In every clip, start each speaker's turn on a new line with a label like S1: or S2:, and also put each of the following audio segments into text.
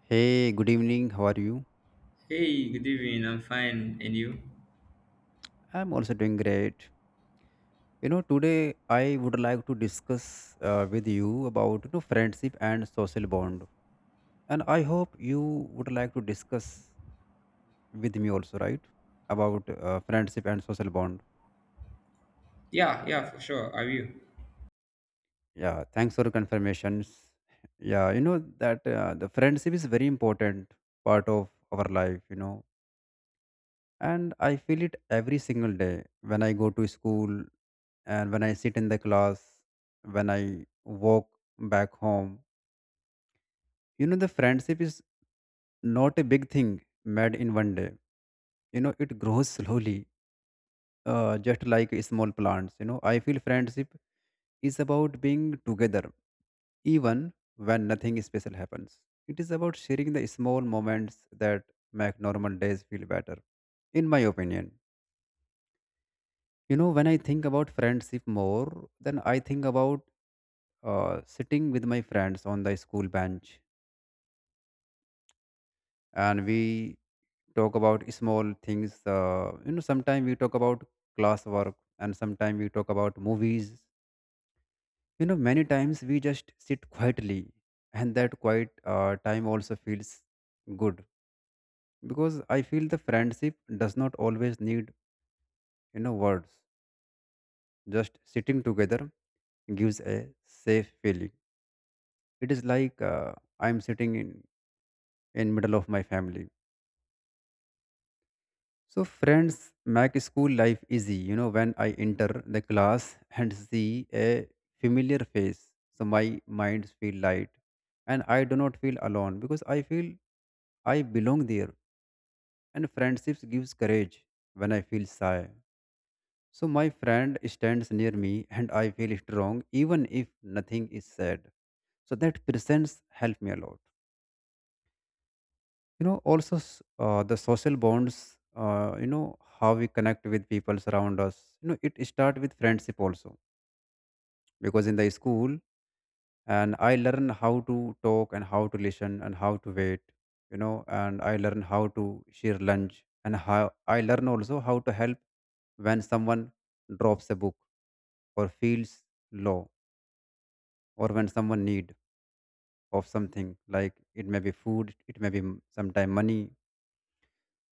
S1: Hey, good evening. How are you?
S2: Hey, good evening. I'm fine. And you?
S1: I'm also doing great. Today I would like to discuss with you about friendship and social bond. And I hope you would like to discuss with me also, right? About friendship and social bond.
S2: Yeah, yeah, for sure. Are you?
S1: Yeah, thanks for the confirmations. Yeah, you know that the friendship is very important part of our life. And I feel it every single day when I go to school, and when I sit in the class, when I walk back home. You know, the friendship is not a big thing made in one day. You know, it grows slowly, just like small plants. You know, I feel friendship is about being together even when nothing special happens. It is about sharing the small moments that make normal days feel better, in my opinion. When I think about friendship more, then I think about sitting with my friends on the school bench, and we talk about small things. Sometimes we talk about classwork, and sometimes we talk about movies. You know, many times we just sit quietly, and that quiet time also feels good, because I feel the friendship does not always need, words. Just sitting together gives a safe feeling. It is like I'm sitting in middle of my family. So friends make school life easy. You know, when I enter the class and see a familiar face, so my mind feel light, and I do not feel alone because I feel I belong there. And friendships gives courage when I feel shy. So my friend stands near me, and I feel strong even if nothing is said. So that presence help me a lot. Also the social bonds, uh, you know how we connect with people around us. You know, it start with friendship also, because in the school, and I learn how to talk, and how to listen, and how to wait, you know. And I learn how to share lunch, and how I learn also how to help when someone drops a book, or feels low, or when someone need of something, like it may be food, it may be sometime money.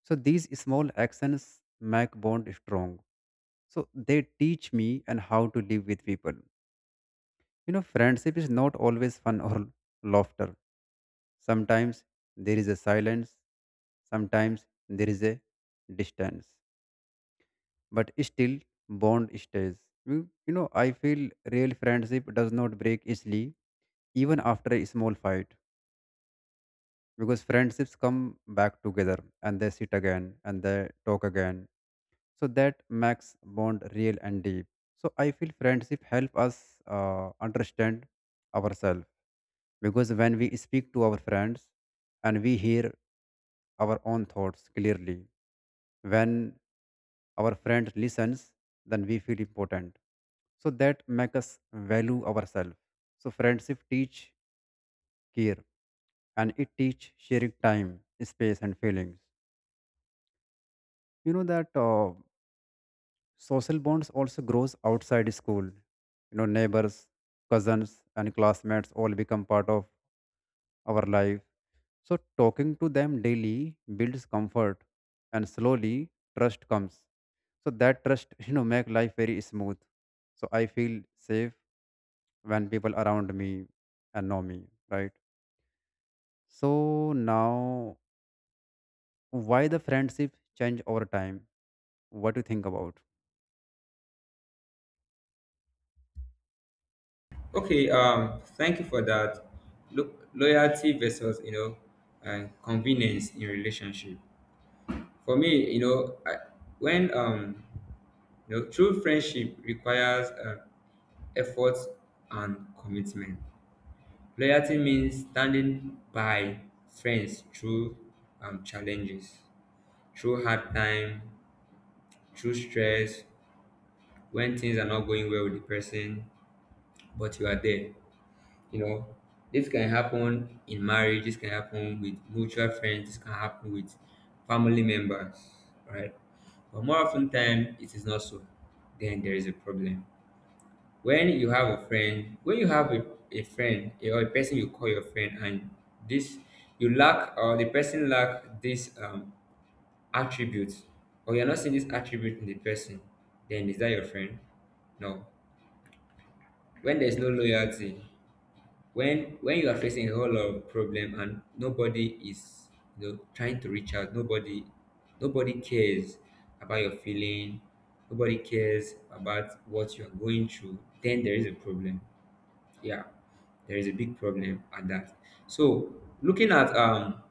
S1: So these small actions make bond strong. So they teach me and how to live with people. You know, friendship is not always fun or laughter. Sometimes there is a silence, sometimes there is a distance. But still bond stays. You know, I feel real friendship does not break easily even after a small fight, because friendships come back together and they sit again and they talk again. So that makes bond real and deep. So I feel friendship help us understand ourselves, because when we speak to our friends and we hear our own thoughts clearly, when our friend listens, then we feel important. So that make us value ourselves. So friendship teach care, and it teach sharing time, space and feelings. You know that Social bonds also grows outside school. You know, neighbors, cousins, and classmates all become part of our life. So talking to them daily builds comfort, and slowly trust comes. So that trust, you know, make life very smooth. So I feel safe when people around me and know me, right? So now, why the friendship change over time? What do you think about?
S2: Okay, thank you for that. Look, loyalty versus, you know, convenience in relationship. For me, you know, when, um, you know, true friendship requires effort and commitment. Loyalty means standing by friends through challenges, through hard time, through stress, when things are not going well with the person but you are there. You know, this can happen in marriage, this can happen with mutual friends, this can happen with family members, right? But more often time it is not so. Then there is a problem. When you have a friend or a person you call your friend and this you lack or the person lack this attributes, or you're not seeing this attribute in the person, then is that your friend? No. When there's no loyalty, when you are facing a whole lot of problem and nobody is, you know, trying to reach out, nobody cares about your feeling, nobody cares about what you are going through, then there is a problem. Yeah, there is a big problem at that. So looking at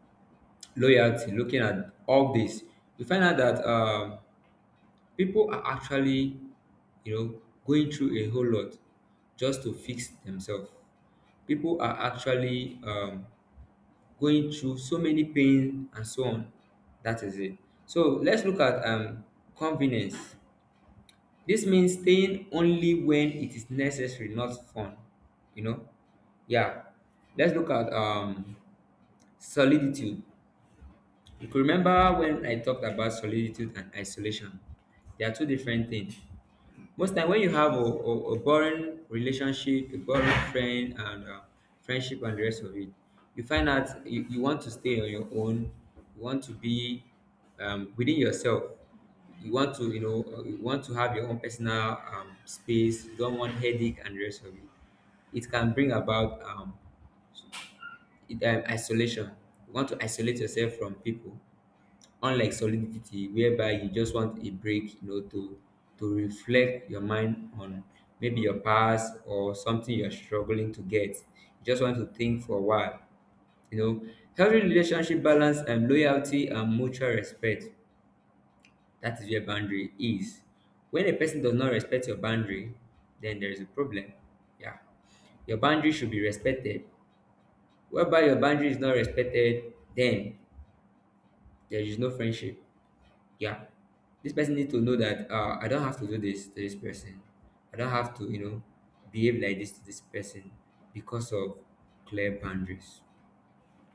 S2: loyalty, looking at all this, we find out that people are actually, you know, going through a whole lot just to fix themselves. People are actually going through so many pain and so on. That is it. So let's look at convenience. This means staying only when it is necessary, not fun. You know? Yeah. Let's look at soliditude. You could remember when I talked about solitude and isolation. They are two different things. Most time when you have a boring relationship, a boring friend and friendship and the rest of it, you find out you want to stay on your own, you want to be within yourself. You want to, you know, you want to have your own personal space. You don't want headache and the rest of it. It can bring about isolation. You want to isolate yourself from people, unlike solidity, whereby you just want a break, you know, to reflect your mind on maybe your past or something you're struggling to get. You just want to think for a while, you know. Healthy relationship balance, and loyalty and mutual respect, that is where boundary is. When a person does not respect your boundary, then there is a problem. Yeah, your boundary should be respected. Whereby your boundary is not respected, then there is no friendship. Yeah. This person needs to know that I don't have to do this to this person. I don't have to, you know, behave like this to this person because of clear boundaries,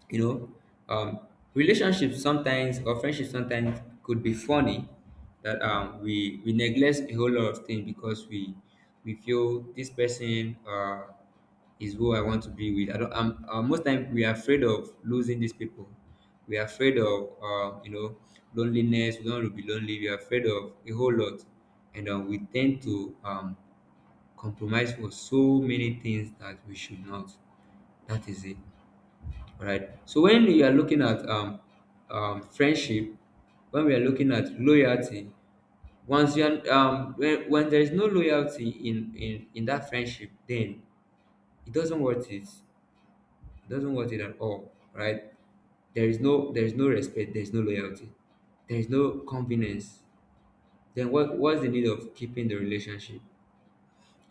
S2: you know. um Relationships sometimes, or friendships sometimes, could be funny, that um, we neglect a whole lot of things because we feel this person is who I want to be with. I don't I'm Most time we are afraid of losing these people. We are afraid of, you know, loneliness. We don't want to be lonely. We are afraid of a whole lot, and we tend to compromise for so many things that we should not. That is it. All right? So when you are looking at friendship, when we are looking at loyalty, once you are, when there is no loyalty in that friendship, then it doesn't worth it. It doesn't worth it at all, right? There is no respect. There is no loyalty. There is no convenience. Then what's the need of keeping the relationship?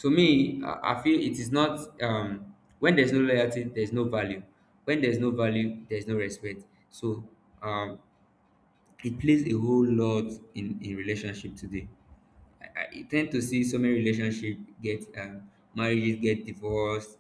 S2: To me, I feel it is not when there's no loyalty, there's no value. When there's no value, there's no respect. So um it plays a whole lot in relationship today. I, I tend to see so many relationship get marriages get divorced,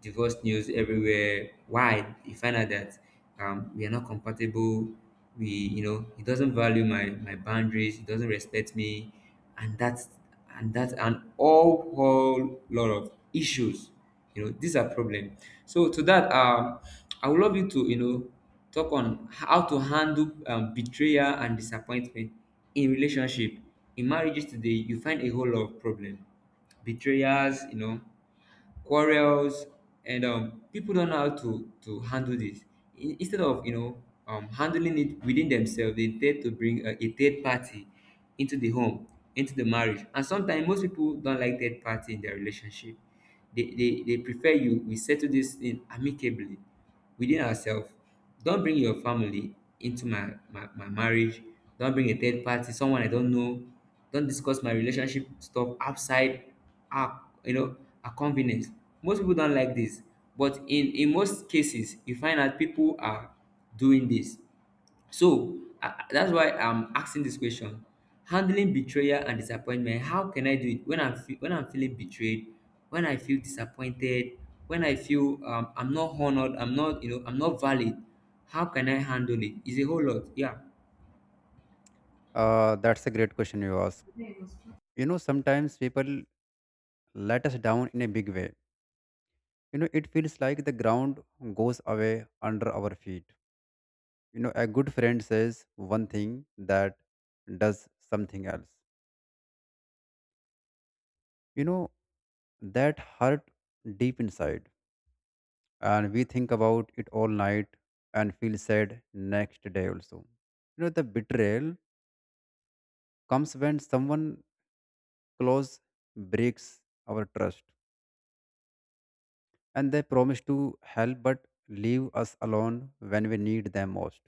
S2: divorce news everywhere. Why? You find out that we are not compatible. We, you know, he doesn't value my boundaries. He doesn't respect me, and that's and that's an whole whole lot of issues. You know, these are problem. So to that, I would love you to, you know, talk on how to handle betrayal and disappointment in relationship. In marriages today, you find a whole lot of problem, betrayals, you know, quarrels, and people don't know how to handle this. Instead of, you know, handling it within themselves, they tend to bring a third party into the home, into the marriage. And sometimes most people don't like third party in their relationship. They prefer you, we settle this thing amicably within ourselves. Don't bring your family into my marriage. Don't bring a third party, someone I don't know. Don't discuss my relationship stuff outside our, you know, our convenience. Most people don't like this. But in most cases you find out people are doing this. That's why I'm asking this question. Handling betrayal and disappointment. How can I do it when I'm feeling betrayed, when I feel disappointed, when I feel I'm not honored, I'm not, you know, I'm not valid. How can I handle it? It's a whole lot. Yeah.
S1: That's a great question you ask. You know, sometimes people let us down in a big way. You know, it feels like the ground goes away under our feet. You know, a good friend says one thing that does something else. You know, that hurt deep inside. And we think about it all night and feel sad next day also. You know, the betrayal comes when someone close breaks our trust, and they promise to help but leave us alone when we need them most.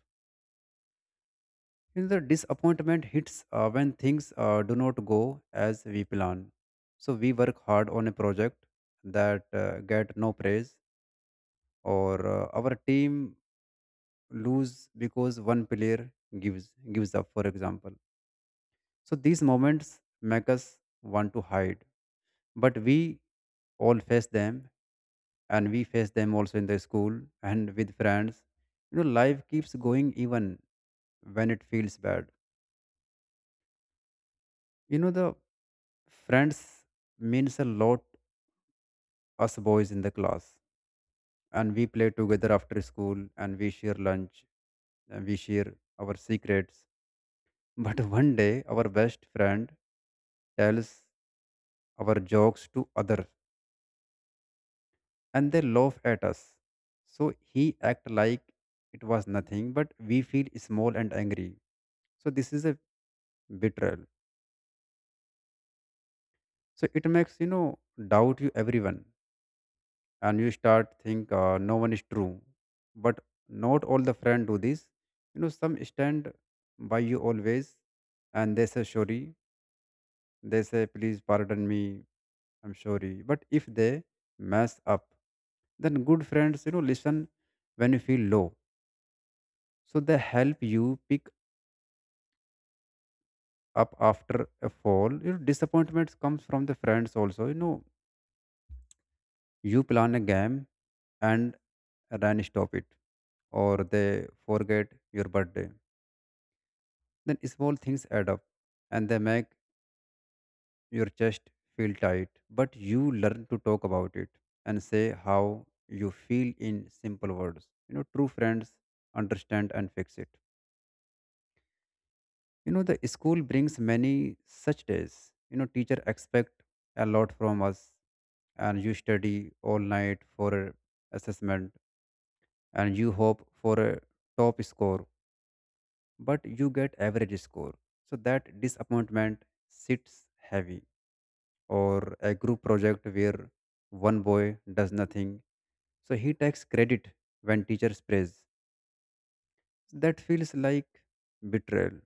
S1: You know, the disappointment hits when things do not go as we plan. So we work hard on a project that get no praise, or our team lose because one player gives up, for example. So these moments make us want to hide, but we all face them, and we face them also in the school and with friends. You know, life keeps going even when it feels bad. You know the Friends means a lot us boys in the class, and we play together after school, and we share lunch, and we share our secrets. But one day our best friend tells our jokes to other, and they laugh at us. So he act like it was nothing, but we feel small and angry. So this is a betrayal. So it makes, you know, doubt you everyone. And you start think, no one is true. But not all the friend do this. You know, some stand by you always, and they say sorry, they say please pardon me, I'm sorry. But if they mess up, then good friends, you know, listen when you feel low. So they help you pick up after a fall. You know, disappointments comes from the friends also. You know, you plan a game, and then stop it, or they forget your birthday. Then small things add up, and they make your chest feel tight. But you learn to talk about it and say how you feel in simple words. You know, true friends understand and fix it. You know, the school brings many such days. You know, teacher expect a lot from us, and you study all night for a assessment, and you hope for a top score, but you get average score. So that disappointment sits heavy, or a group project where one boy does nothing. So he takes credit when teachers praise. That feels like betrayal.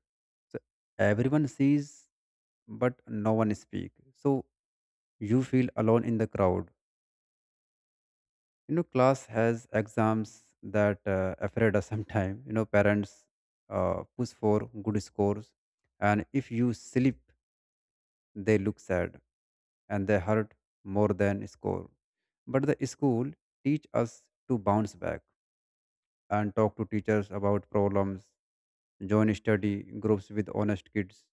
S1: So everyone sees, but no one speak. So you feel alone in the crowd. You know, class has exams that afraid us sometime. You know, parents push for good scores, and if you slip, they look sad, and they hurt more than score. But the school teach us to bounce back and talk to teachers about problems, join study groups with honest kids,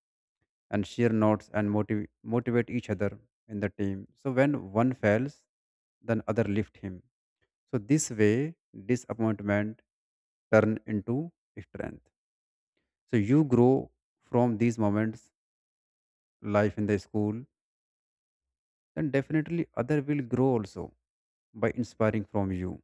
S1: and share notes and motivate each other in the team. So when one fails, then other lift him. So this way, disappointment turn into strength. So you grow from these moments, life in the school, then definitely other will grow also by inspiring from you.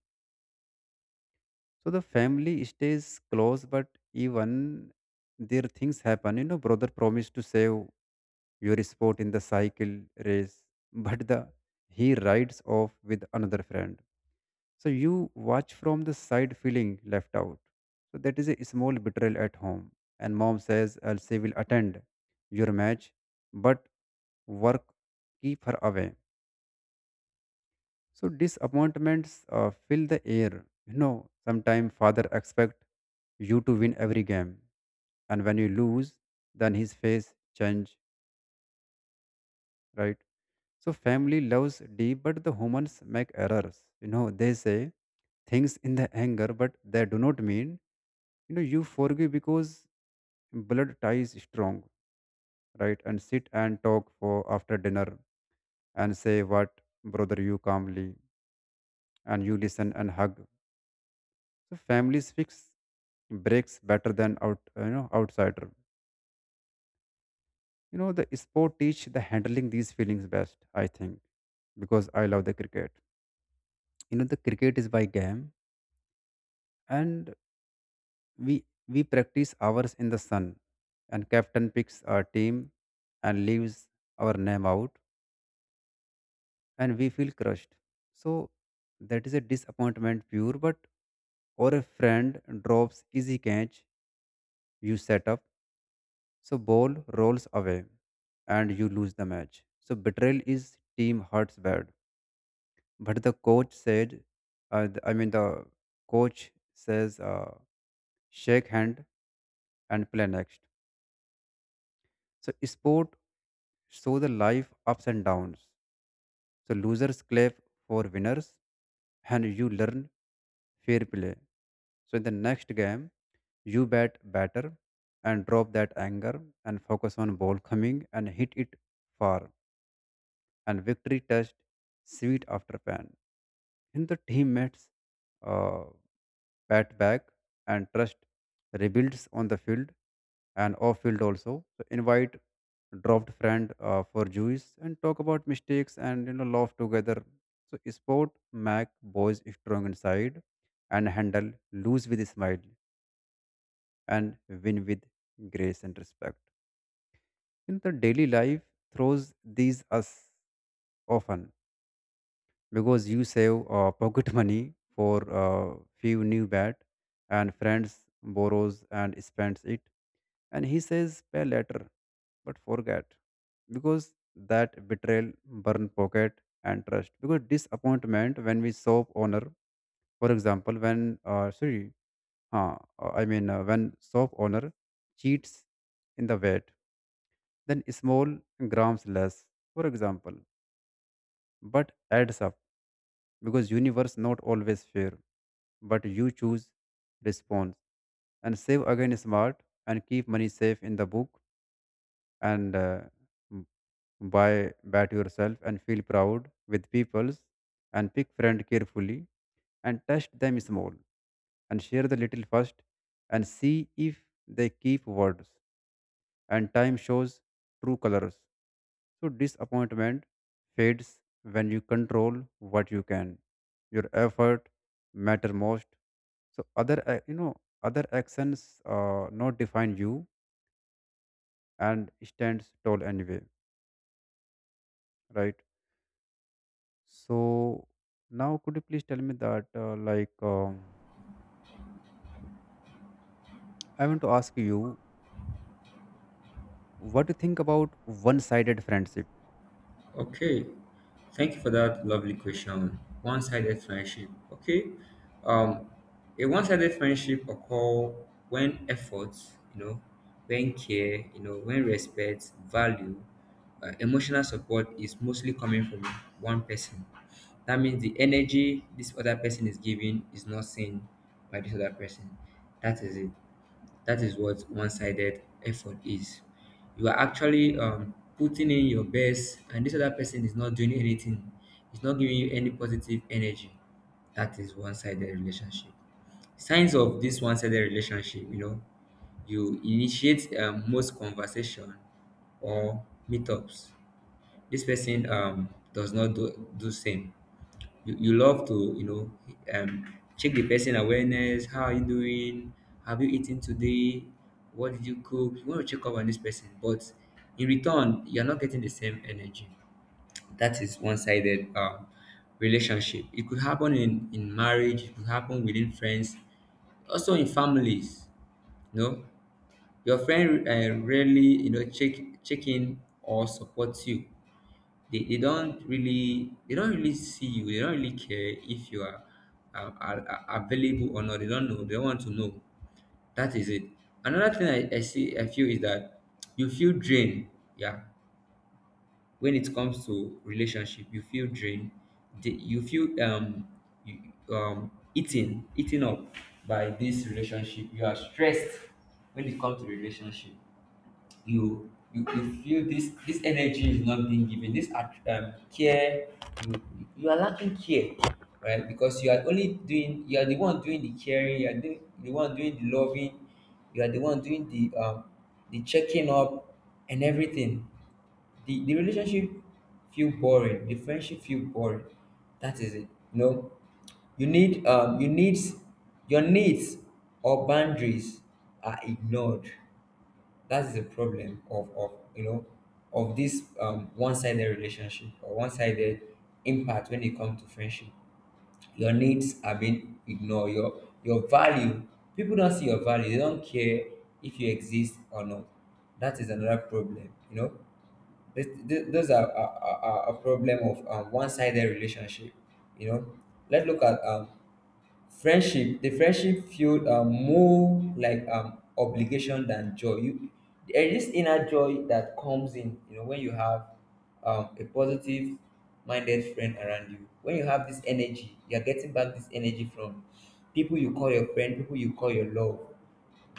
S1: So the family stays close, but even their things happen. You know, brother promised to save your spot in the cycle race, but the he rides off with another friend. So you watch from the side feeling left out. So that is a small betrayal at home. And mom says Elsie will attend your match, but work keep her away. So disappointments fill the air. You know, sometimes father expect you to win every game, and when you lose, then his face change, right? So family loves deep, but the humans make errors. You know, they say things in the anger, but they do not mean. You know, you forgive because blood ties strong, right? And sit and talk for after dinner and say what brother you calmly, and you listen and hug. So families fix breaks better than outsider. You know, the sport teach the handling these feelings best, I think, because I love the cricket. You know, the cricket is by game, and we practice hours in the sun, and captain picks our team and leaves our name out, and we feel crushed. So that is a disappointment pure. But or a friend drops easy catch you set up. So ball rolls away and you lose the match. So betrayal is team hurts bad. But the coach said, the coach says, shake hand and play next. So sport show the life ups and downs. So losers clap for winners, and you learn fair play. So in the next game, you bat better and drop that anger and focus on ball coming and hit it far, and victory touched sweet after pain. In the teammates uh, pat back, and trust rebuilds on the field and off field also. So invite dropped friend for juice and talk about mistakes and, you know, laugh together. So sport make boys strong inside and handle lose with a smile and win with grace and respect. In the daily life throws these us often because you save pocket money for few new bat and friends borrows and spends it and he says pay later but forget because that betrayal burn pocket and trust because disappointment when we soap owner, for example when sorry huh, I mean when soap owner cheats in the weight then small grams less, for example, but adds up because universe not always fair but you choose response and save again smart and keep money safe in the book and m- buy bat yourself and feel proud with peoples and pick friend carefully and touch them small and share the little first and see if they keep words and time shows true colors. So disappointment fades when you control what you can. Your effort matter most. So other actions not define you and stands tall anyway, right? So now could you please tell me that I want to ask you what you think about one-sided friendship?
S2: Okay, thank you for that lovely question. One-sided friendship. Okay, um, a one-sided friendship occur when effort, you know, when care, you know, when respect, value, emotional support is mostly coming from one person. That means the energy this other person is giving is not seen by this other person. That is it. That is what one-sided effort is. You are actually putting in your best, and this other person is not doing anything. It's not giving you any positive energy. That is one-sided relationship. Signs of this one-sided relationship, you know, you initiate most conversation or meetups, this person does not do do same. You love to, you know, um check the person awareness. How are you doing? Have you eaten today? What did you cook? You want to check up on this person, but in return you're not getting the same energy. That is one-sided relationship. It could happen in marriage, it could happen within friends, also in families. You know, your friend rarely, you know, check in or support you. They don't really, they don't really see you. They don't really care if you are are available or not. They don't know. They don't want to know. That is it. Another thing I see I feel is that you feel drained. Yeah, when it comes to relationship you feel drained. You feel you eaten up by this relationship. You are stressed when it comes to relationship. You feel this energy is not being given, this care. you, you are lacking care, right? Because you are only doing, you are the one doing the caring, you are doing, the one doing the loving. You are the one doing the checking up and everything. The relationship feel boring, the friendship feel boring. That is it. You know, you need your needs or boundaries are ignored. That's the problem of you know, of this one-sided relationship or one-sided impact when it comes to friendship. Your needs are being ignored, your value. People don't see your value, they don't care if you exist or not. That is another problem. You know, this, th those are, are a problem of one-sided relationship. You know, let's look at friendship. The friendship feel more like obligation than joy. You There is this inner joy that comes in, you know, when you have a positive minded friend around you, when you have this energy, you're getting back this energy from people you call your friend, people you call your love.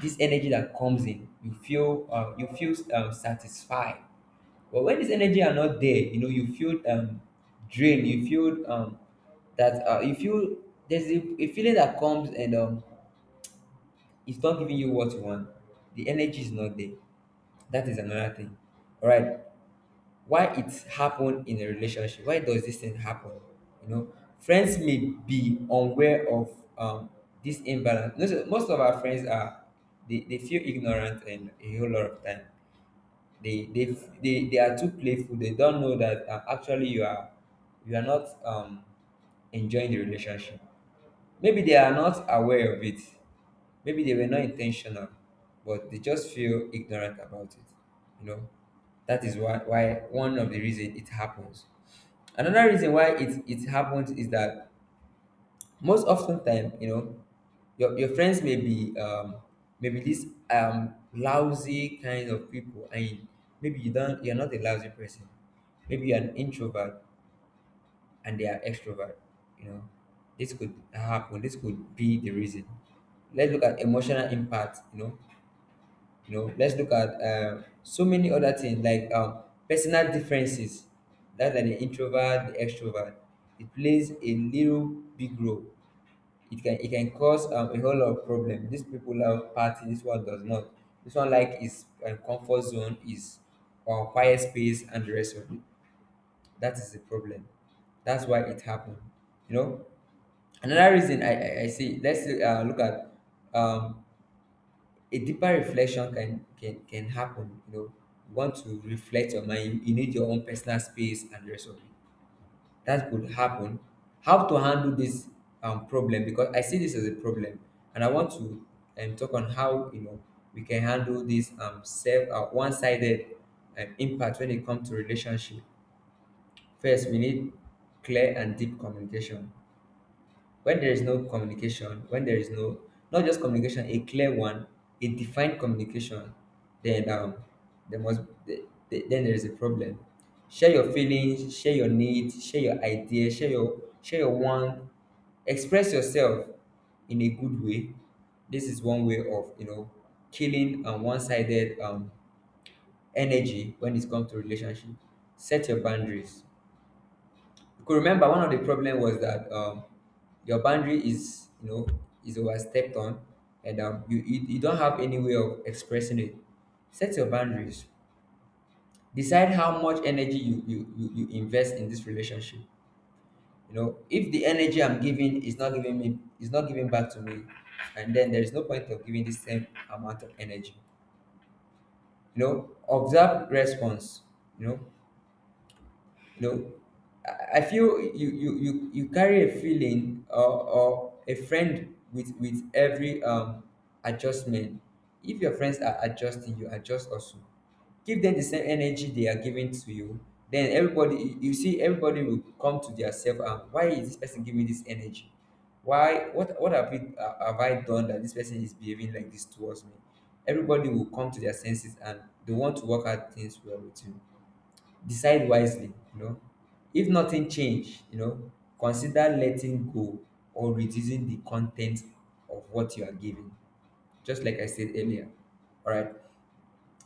S2: This energy that comes in, you feel satisfied. But when this energy are not there, you know, you feel drained. You feel that you feel there's a feeling that comes and it's not giving you what you want. The energy is not there. That is another thing. All right. Why it happen in a relationship? Why does this thing happen? You know, friends may be unaware of um this imbalance. Most of our friends are they feel ignorant and a whole lot of time they they they are too playful. They don't know that actually you are not enjoying the relationship. Maybe they are not aware of it, maybe they were not intentional, but they just feel ignorant about it you know that is why one of the reason it happens. Another reason why it happens is that most often time, you know, your friends may be maybe these lousy kind of people. And maybe you're not a lousy person, maybe you're an introvert and they are extrovert, you know. This could happen, this could be the reason. Let's look at emotional impact, you know. Let's look at so many other things like personal differences, that like the introvert, the extrovert. It plays a little big role. It can cause a whole lot of problem. These people love party, this one does not. This one like his comfort zone, is quiet space, and the rest of it. That is the problem. That's why it happened. You know, another reason I see. Let's look at um, a deeper reflection can happen. You know, you want to reflect your mind. You need your own personal space and the rest of it. That could happen. How to handle this problem, because I see this as a problem, and I want to talk on how, you know, we can handle this self one-sided impact when it comes to relationship. First we need clear and deep communication. When there is no communication, when there is no not just communication, a clear one, a defined communication. Then um there must the- the- then there is a problem. Share your feelings, share your needs, share your ideas, share your want. Express yourself in a good way. This is one way of, you know, killing one-sided energy when it comes to relationship. Set your boundaries. Could remember one of the problem was that, your boundary is, you know, is overstepped on. And um, you don't have any way of expressing it. Set your boundaries. Decide how much energy you invest in this relationship. You know, if the energy I'm giving is not giving back to me, and then there is no point of giving the same amount of energy. You know, observe response. You know. you know I feel you you carry a feeling or a friend with every adjustment. If your friends are adjusting, you adjust also. Give them the same energy they are giving to you. Then everybody, you see, everybody will come to their self and why is this person giving this energy. Why, what have I done that this person is behaving like this towards me. Everybody will come to their senses and they want to work out things well with you. Decide wisely, you know. If nothing change, you know, consider letting go or reducing the content of what you are giving. Just like I said earlier. All right.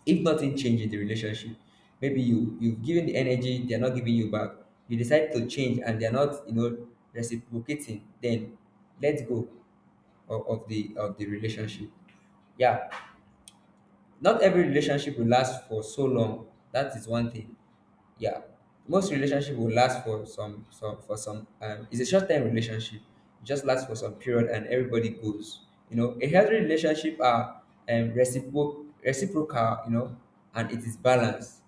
S2: If nothing change in the relationship, maybe you you've given the energy, they're not giving you back. You decide to change and they're not, you know, reciprocating. Then let go of the relationship. Yeah. Not every relationship will last for so long. That is one thing. Yeah, most relationship will last for some it's a short-term relationship. It just lasts for some period and everybody goes. You know, a healthy relationship are reciprocal, you know, and it is balanced.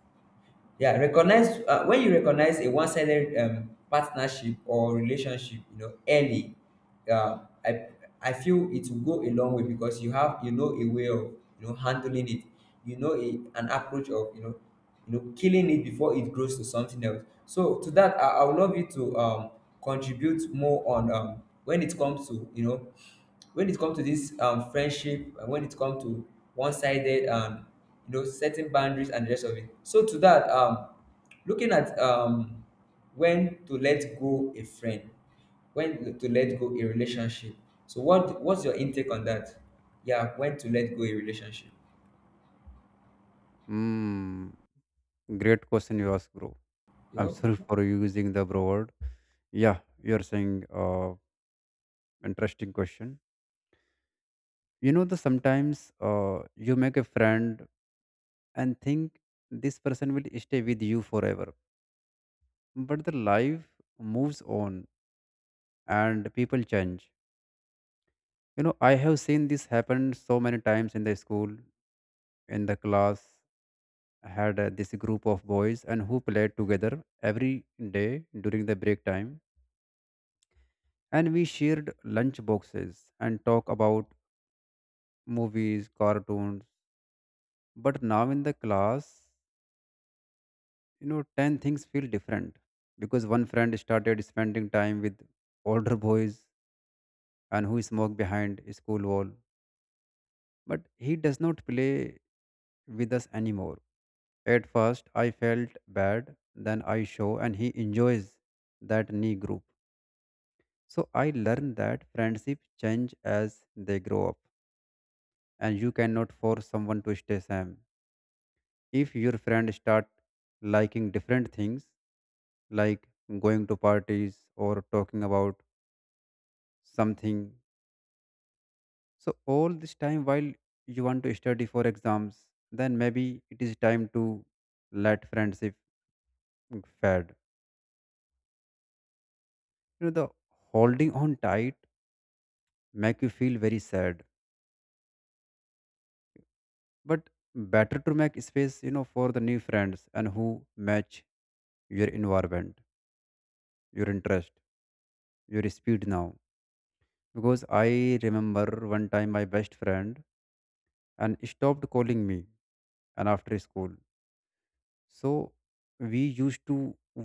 S2: Yeah, recognize when you recognize a one-sided partnership or relationship, you know, early. Uh, i i feel it will go a long way because you have, you know, a way of, you know, handling it. You know, an approach of, you know, you know killing it before it grows to something else. So to that, I would love you to contribute more on when it comes to, you know, when it comes to this friendship, and when it comes to one-sided, you know, setting boundaries and the rest of it. So to that, looking at, when to let go a friend, when to let go a relationship. So what's your intake on that? Yeah, when to let go a relationship.
S1: Hmm, great question you ask, bro.
S2: You're
S1: I'm sorry
S2: welcome.
S1: for using the bro word. Yeah, you're saying interesting question. You know, the sometimes you make a friend and think this person will stay with you forever, but the life moves on and people change. You know, I have seen this happen so many times in the school, in the class. I had this group of boys and who played together every day during the break time, and we shared lunch boxes and talk about movies, cartoons. But now in the class, you know, 10 things feel different because one friend started spending time with older boys and who smoke behind a school wall. But he does not play with us anymore. At first, I felt bad, then I show, and he enjoys that knee group. So I learned that friendship change as they grow up, and you cannot force someone to stay same. If your friend start liking different things like going to parties or talking about something so all this time while you want to study for exams, then maybe it is time to let friendship fade. You know, the holding on tight make you feel very sad, but better to make space, you know, for the new friends and who match your environment, your interest, your speed now, because I remember one time my best friend and stopped calling me and after school. So we used to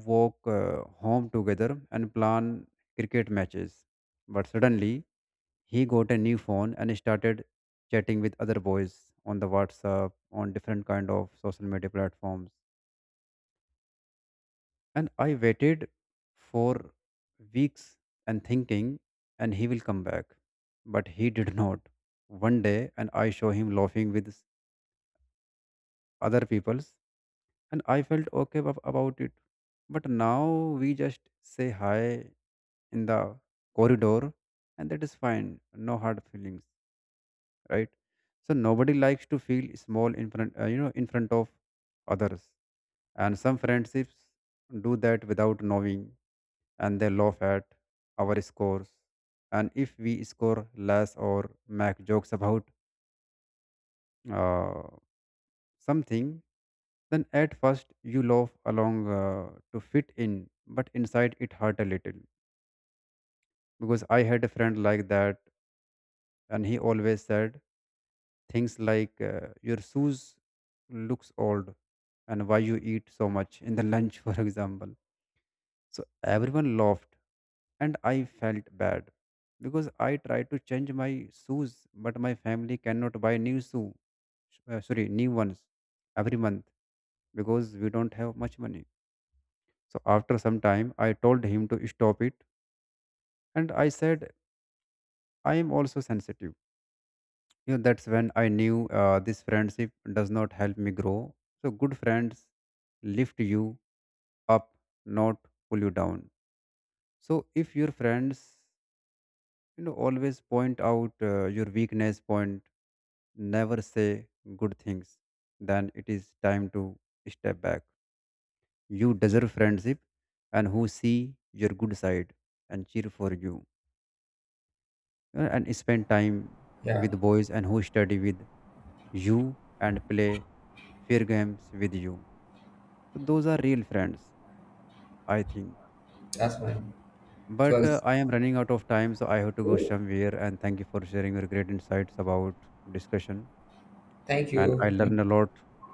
S1: walk home together and plan cricket matches, but suddenly he got a new phone and started chatting with other boys on the WhatsApp on different kind of social media platforms. And I waited for weeks and thinking and he will come back, but he did not one day and I saw him laughing with other people, and I felt okay about it. But now we just say hi in the corridor, and that is fine. No hard feelings, right? So nobody likes to feel small in front, in front of others. And some friendships do that without knowing, and they laugh at our scores. And if we score less or make jokes about uh, something, then at first you laugh along to fit in, but inside it hurt a little. Because I had a friend like that, and he always said things like, your shoes looks old, and why you eat so much in the lunch, for example. So everyone laughed, and I felt bad because I tried to change my shoes, but my family cannot buy new shoe, sorry, new ones every month because we don't have much money. So after some time, I told him to stop it, and I said, I am also sensitive. You know, that's when I knew this friendship does not help me grow. So good friends lift you up, not pull you down. So if your friends, you know, always point out your weakness, point, never say good things, then it is time to step back. You deserve friendship and who see your good side and cheer for you and spend time
S2: Yeah,
S1: with boys and who study with you and play fear games with you. So those are real friends, I think.
S2: that's fine. It
S1: But
S2: was
S1: I am running out of time, so I have to go somewhere. And thank you for sharing your great insights about discussion.
S2: thank
S1: And I
S2: you. Thank-
S1: learned a lot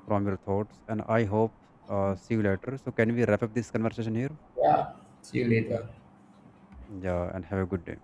S1: from your thoughts. And I hope see you later. So can we wrap up this conversation here?
S2: Yeah. See you later.
S1: Yeah, and have a good day.